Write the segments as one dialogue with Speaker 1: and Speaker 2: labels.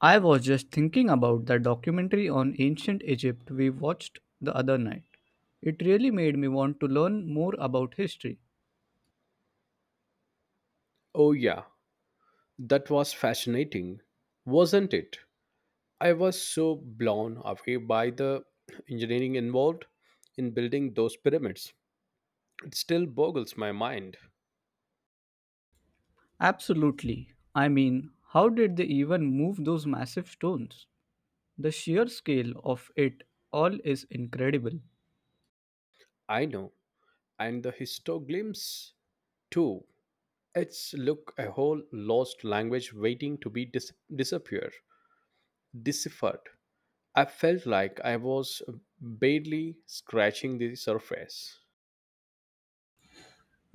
Speaker 1: I was just thinking about that documentary on ancient Egypt we watched the other night. It really made me want to learn more about history.
Speaker 2: Oh, yeah, that was fascinating, wasn't it? I was so blown away by the engineering involved in building those pyramids. It still boggles my mind.
Speaker 1: Absolutely. I mean, how did they even move those massive stones? The sheer scale of it all is incredible.
Speaker 2: I know, and the histoglyphs too. It's look a whole lost language waiting to be deciphered. I felt like I was barely scratching the surface.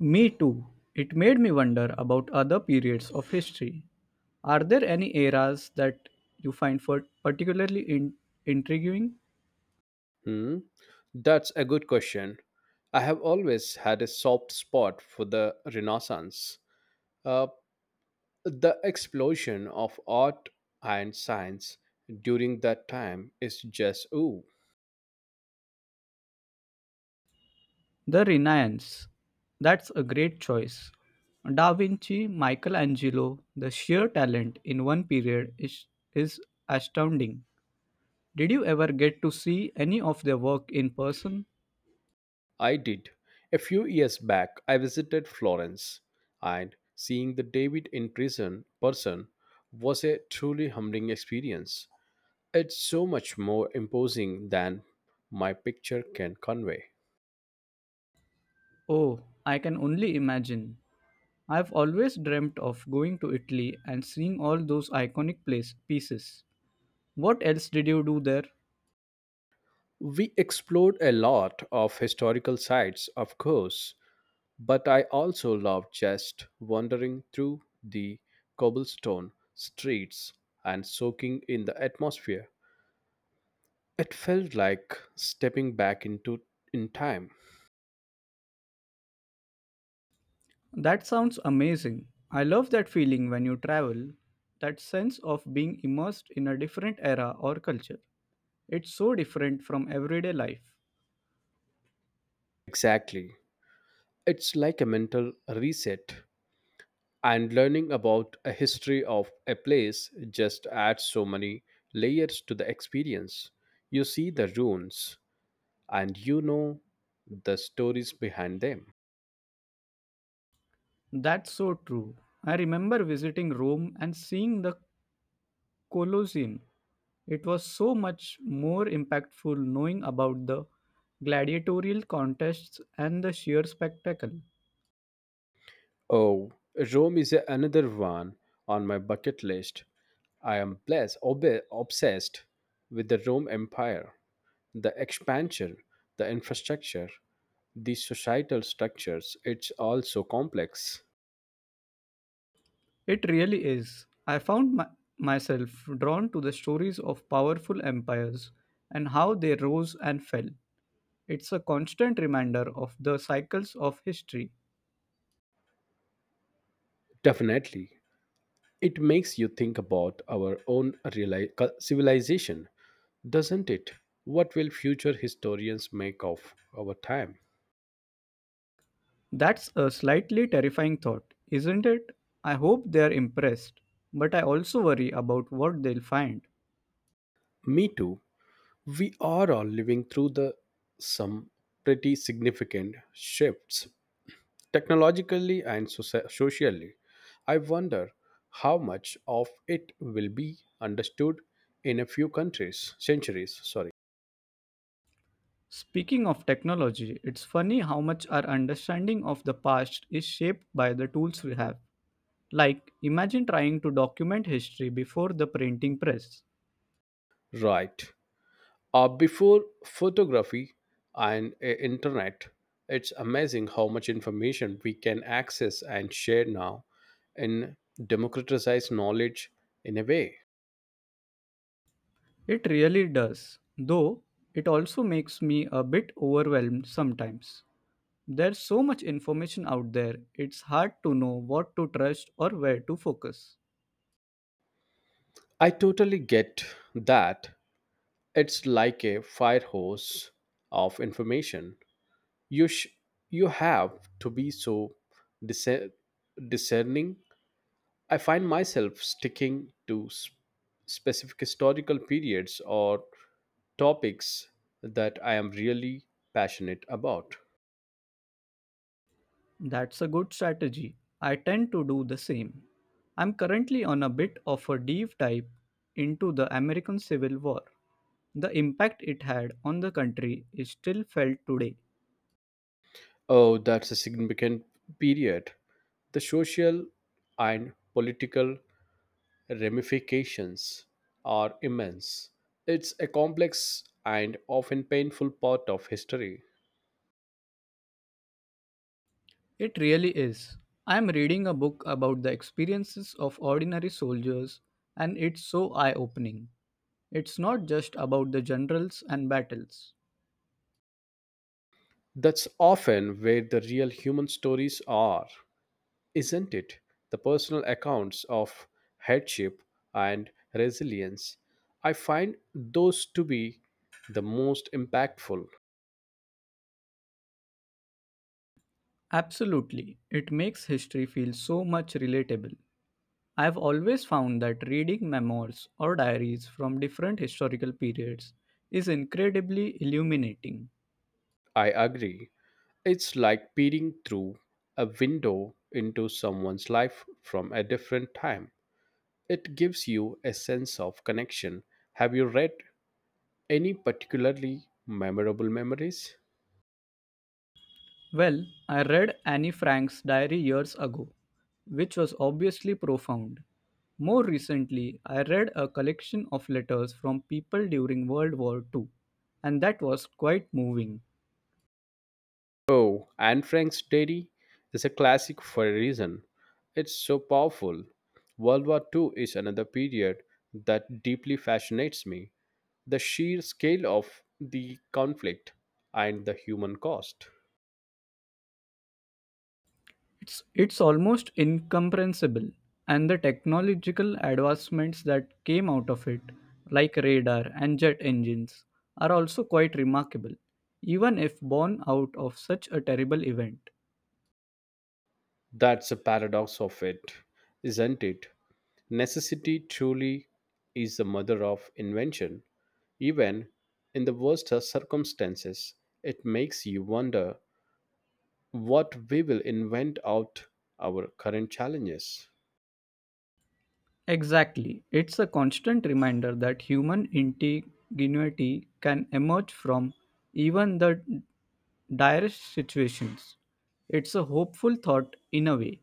Speaker 1: Me too. It made me wonder about other periods of history. Are there any eras that you find intriguing?
Speaker 2: Hmm, that's a good question. I have always had a soft spot for the Renaissance, uh, the explosion of art and science during that time is just ooh.
Speaker 1: The Renaissance. That's a great choice. Da Vinci, Michelangelo, the sheer talent in one period is astounding. Did you ever get to see any of their work in person?
Speaker 2: I did. A few years back, I visited Florence, and seeing the David in prison person was a truly humbling experience. It's so much more imposing than my picture can convey.
Speaker 1: Oh, I can only imagine. I've always dreamt of going to Italy and seeing all those iconic pieces. What else did you do there?
Speaker 2: We explored a lot of historical sites, of course, but I also loved just wandering through the cobblestone streets and soaking in the atmosphere. It felt like stepping back into in time.
Speaker 1: That sounds amazing. I love that feeling when you travel, that sense of being immersed in a different era or culture. It's so different from everyday life.
Speaker 2: Exactly. It's like a mental reset and learning about a history of a place just adds so many layers to the experience. You see the ruins, and you know the stories behind them.
Speaker 1: That's so true. I remember visiting Rome and seeing the Colosseum. It was so much more impactful knowing about the gladiatorial contests and the sheer spectacle.
Speaker 2: Oh, Rome is another one on my bucket list. I am blessed, obsessed with the Rome Empire, the expansion, the infrastructure, the societal structures. It's all so complex.
Speaker 1: It really is. I found myself drawn to the stories of powerful empires and how they rose and fell. It's a constant reminder of the cycles of history.
Speaker 2: Definitely. It makes you think about our own civilization, doesn't it? What will future historians make of our time?
Speaker 1: That's a slightly terrifying thought, isn't it? I hope they're impressed, but I also worry about what they'll find.
Speaker 2: Me too. We are all living through the some pretty significant shifts technologically and socially. I wonder how much of it will be understood in a few countries centuries, sorry.
Speaker 1: Speaking of technology, it's funny how much our understanding of the past is shaped by the tools we have. Like, imagine trying to document history before the printing press.
Speaker 2: Right. Before photography and internet, it's amazing how much information we can access and share now and democratize knowledge in a way.
Speaker 1: It really does, though it also makes me a bit overwhelmed sometimes. There's so much information out there, it's hard to know what to trust or where to focus.
Speaker 2: I totally get that. It's like a fire hose of information. You sh- you have to be so discer- discerning. I find myself sticking to specific historical periods or topics that I am really passionate about.
Speaker 1: That's a good strategy. I tend to do the same. I'm currently on a bit of a deep dive into the American Civil War. The impact it had on the country is still felt today.
Speaker 2: Oh, that's a significant period. The social and political ramifications are immense. It's a complex and often painful part of history.
Speaker 1: It really is. I'm reading a book about the experiences of ordinary soldiers, and it's so eye opening. It's not just about the generals and battles.
Speaker 2: That's often where the real human stories are, isn't it? The personal accounts of hardship and resilience. I find those to be the most impactful.
Speaker 1: Absolutely, it makes history feel so much relatable. I've always found that reading memoirs or diaries from different historical periods is incredibly illuminating.
Speaker 2: I agree. It's like peering through a window into someone's life from a different time. It gives you a sense of connection. Have you read any particularly memorable memories?
Speaker 1: Well, I read Annie Frank's diary years ago, which was obviously profound. More recently, I read a collection of letters from people during World War Two, and that was quite moving.
Speaker 2: Oh, Anne Frank's Diary is a classic for a reason. It's so powerful. World War II is another period that deeply fascinates me. The sheer scale of the conflict and the human cost.
Speaker 1: It's it's almost incomprehensible, and the technological advancements that came out of it, like radar and jet engines, are also quite remarkable, even if born out of such a terrible event.
Speaker 2: That's the paradox of it, isn't it? Necessity truly is the mother of invention. Even in the worst circumstances, it makes you wonder what we will invent out our current challenges.
Speaker 1: Exactly. It's a constant reminder that human ingenuity can emerge from even the direst situations. It's a hopeful thought in a way.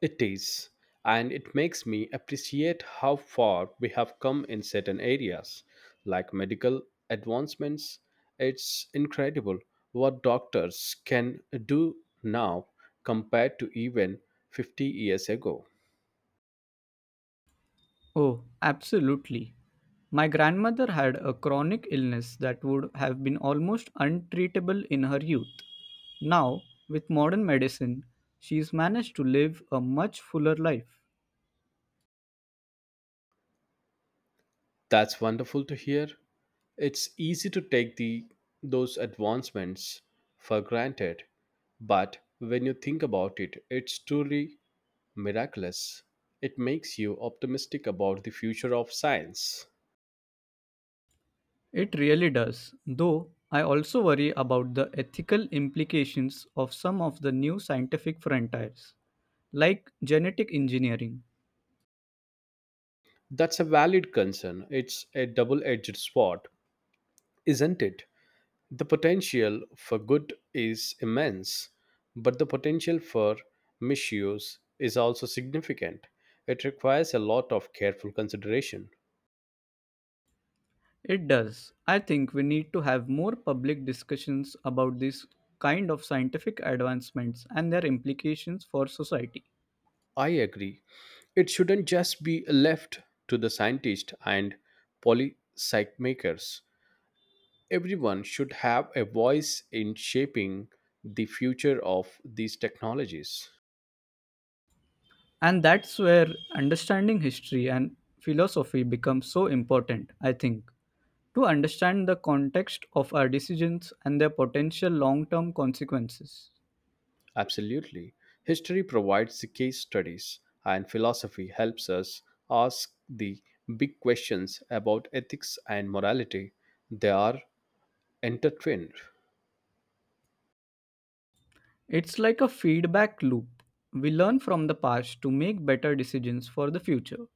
Speaker 2: It is, and it makes me appreciate how far we have come in certain areas, like medical advancements. It's incredible what doctors can do now compared to even 50 years ago.
Speaker 1: Oh, absolutely. My grandmother had a chronic illness that would have been almost untreatable in her youth. Now, with modern medicine, she's managed to live a much fuller life.
Speaker 2: That's wonderful to hear. It's easy to take the those advancements for granted, but when you think about it, it's truly miraculous. It makes you optimistic about the future of science.
Speaker 1: It really does, though I also worry about the ethical implications of some of the new scientific frontiers, like genetic engineering.
Speaker 2: That's a valid concern. It's a double-edged sword, isn't it? The potential for good is immense, but the potential for misuse is also significant. It requires a lot of careful consideration.
Speaker 1: It does. I think we need to have more public discussions about this kind of scientific advancements and their implications for society.
Speaker 2: I agree. It shouldn't just be left to the scientists and policy makers. Everyone should have a voice in shaping the future of these technologies.
Speaker 1: And that's where understanding history and philosophy becomes so important, I think, to understand the context of our decisions and their potential long term consequences.
Speaker 2: Absolutely. History provides the case studies, and philosophy helps us ask the big questions about ethics and morality. They are intertwined.
Speaker 1: It's like a feedback loop. We learn from the past to make better decisions for the future,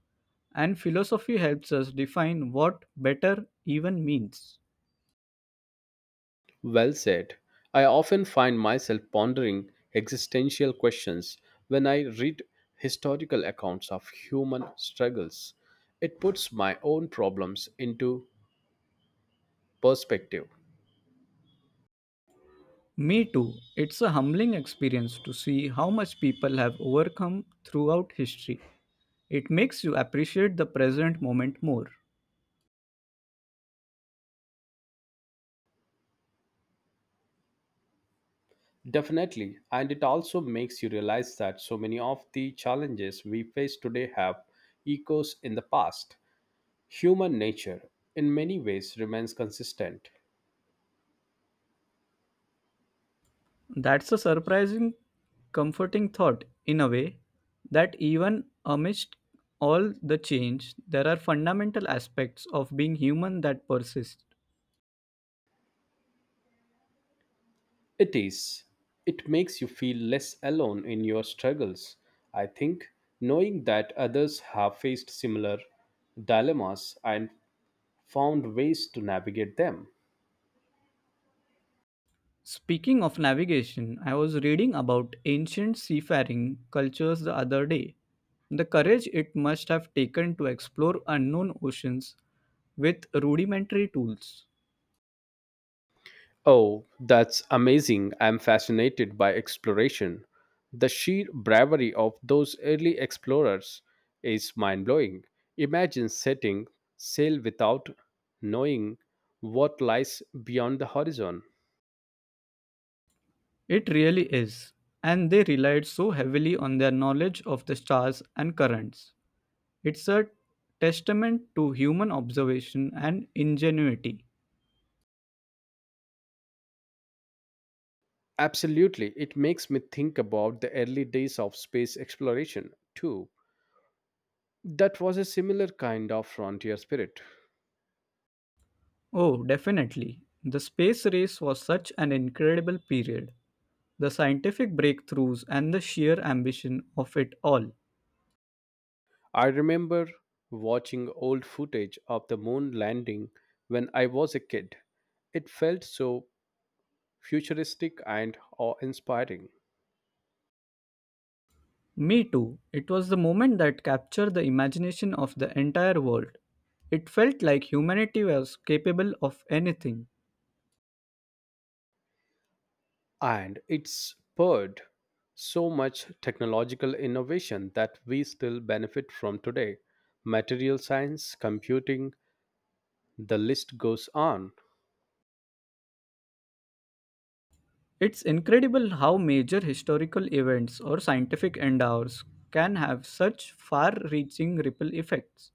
Speaker 1: and philosophy helps us define what better even means.
Speaker 2: Well said. I often find myself pondering existential questions when I read historical accounts of human struggles. It puts my own problems into perspective.
Speaker 1: Me too, it's a humbling experience to see how much people have overcome throughout history. It makes you appreciate the present moment more.
Speaker 2: Definitely, and it also makes you realize that so many of the challenges we face today have echoes in the past. Human nature, in many ways, remains consistent.
Speaker 1: That's a surprising, comforting thought in a way that even amidst all the change, there are fundamental aspects of being human that persist.
Speaker 2: It is. It makes you feel less alone in your struggles. I think knowing that others have faced similar dilemmas and found ways to navigate them.
Speaker 1: Speaking of navigation, I was reading about ancient seafaring cultures the other day. The courage it must have taken to explore unknown oceans with rudimentary tools.
Speaker 2: Oh, that's amazing. I'm fascinated by exploration. The sheer bravery of those early explorers is mind blowing. Imagine setting sail without knowing what lies beyond the horizon.
Speaker 1: It really is. And they relied so heavily on their knowledge of the stars and currents. It's a testament to human observation and ingenuity.
Speaker 2: Absolutely. It makes me think about the early days of space exploration, too. That was a similar kind of frontier spirit.
Speaker 1: Oh, definitely. The space race was such an incredible period. The scientific breakthroughs and the sheer ambition of it all.
Speaker 2: I remember watching old footage of the moon landing when I was a kid. It felt so futuristic and awe inspiring.
Speaker 1: Me too. It was the moment that captured the imagination of the entire world. It felt like humanity was capable of anything.
Speaker 2: And it spurred so much technological innovation that we still benefit from today. Material science, computing, the list goes on.
Speaker 1: It's incredible how major historical events or scientific endeavors can have such far reaching ripple effects.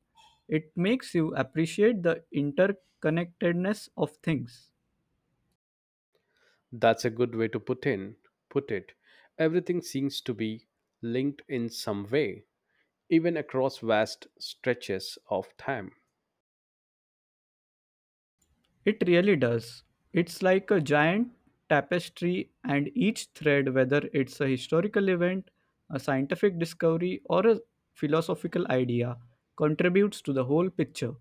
Speaker 1: It makes you appreciate the interconnectedness of things.
Speaker 2: That's a good way to put it. Everything seems to be linked in some way, even across vast stretches of time.
Speaker 1: It really does. It's like a giant tapestry, and each thread, whether it's a historical event, a scientific discovery, or a philosophical idea, contributes to the whole picture.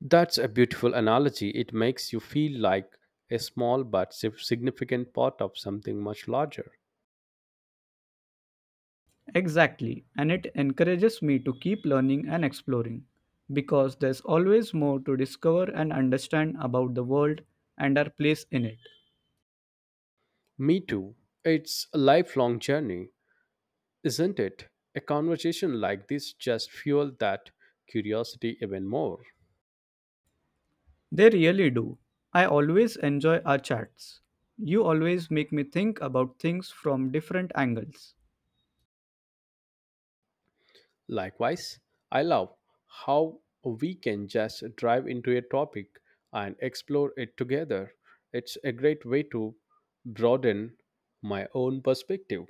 Speaker 2: That's a beautiful analogy. It makes you feel like a small but significant part of something much larger.
Speaker 1: Exactly, and it encourages me to keep learning and exploring because there's always more to discover and understand about the world and our place in it.
Speaker 2: Me too. It's a lifelong journey, isn't it? A conversation like this just fueled that curiosity even more.
Speaker 1: They really do. I always enjoy our chats. You always make me think about things from different angles.
Speaker 2: Likewise, I love how we can just drive into a topic and explore it together. It's a great way to broaden my own perspective.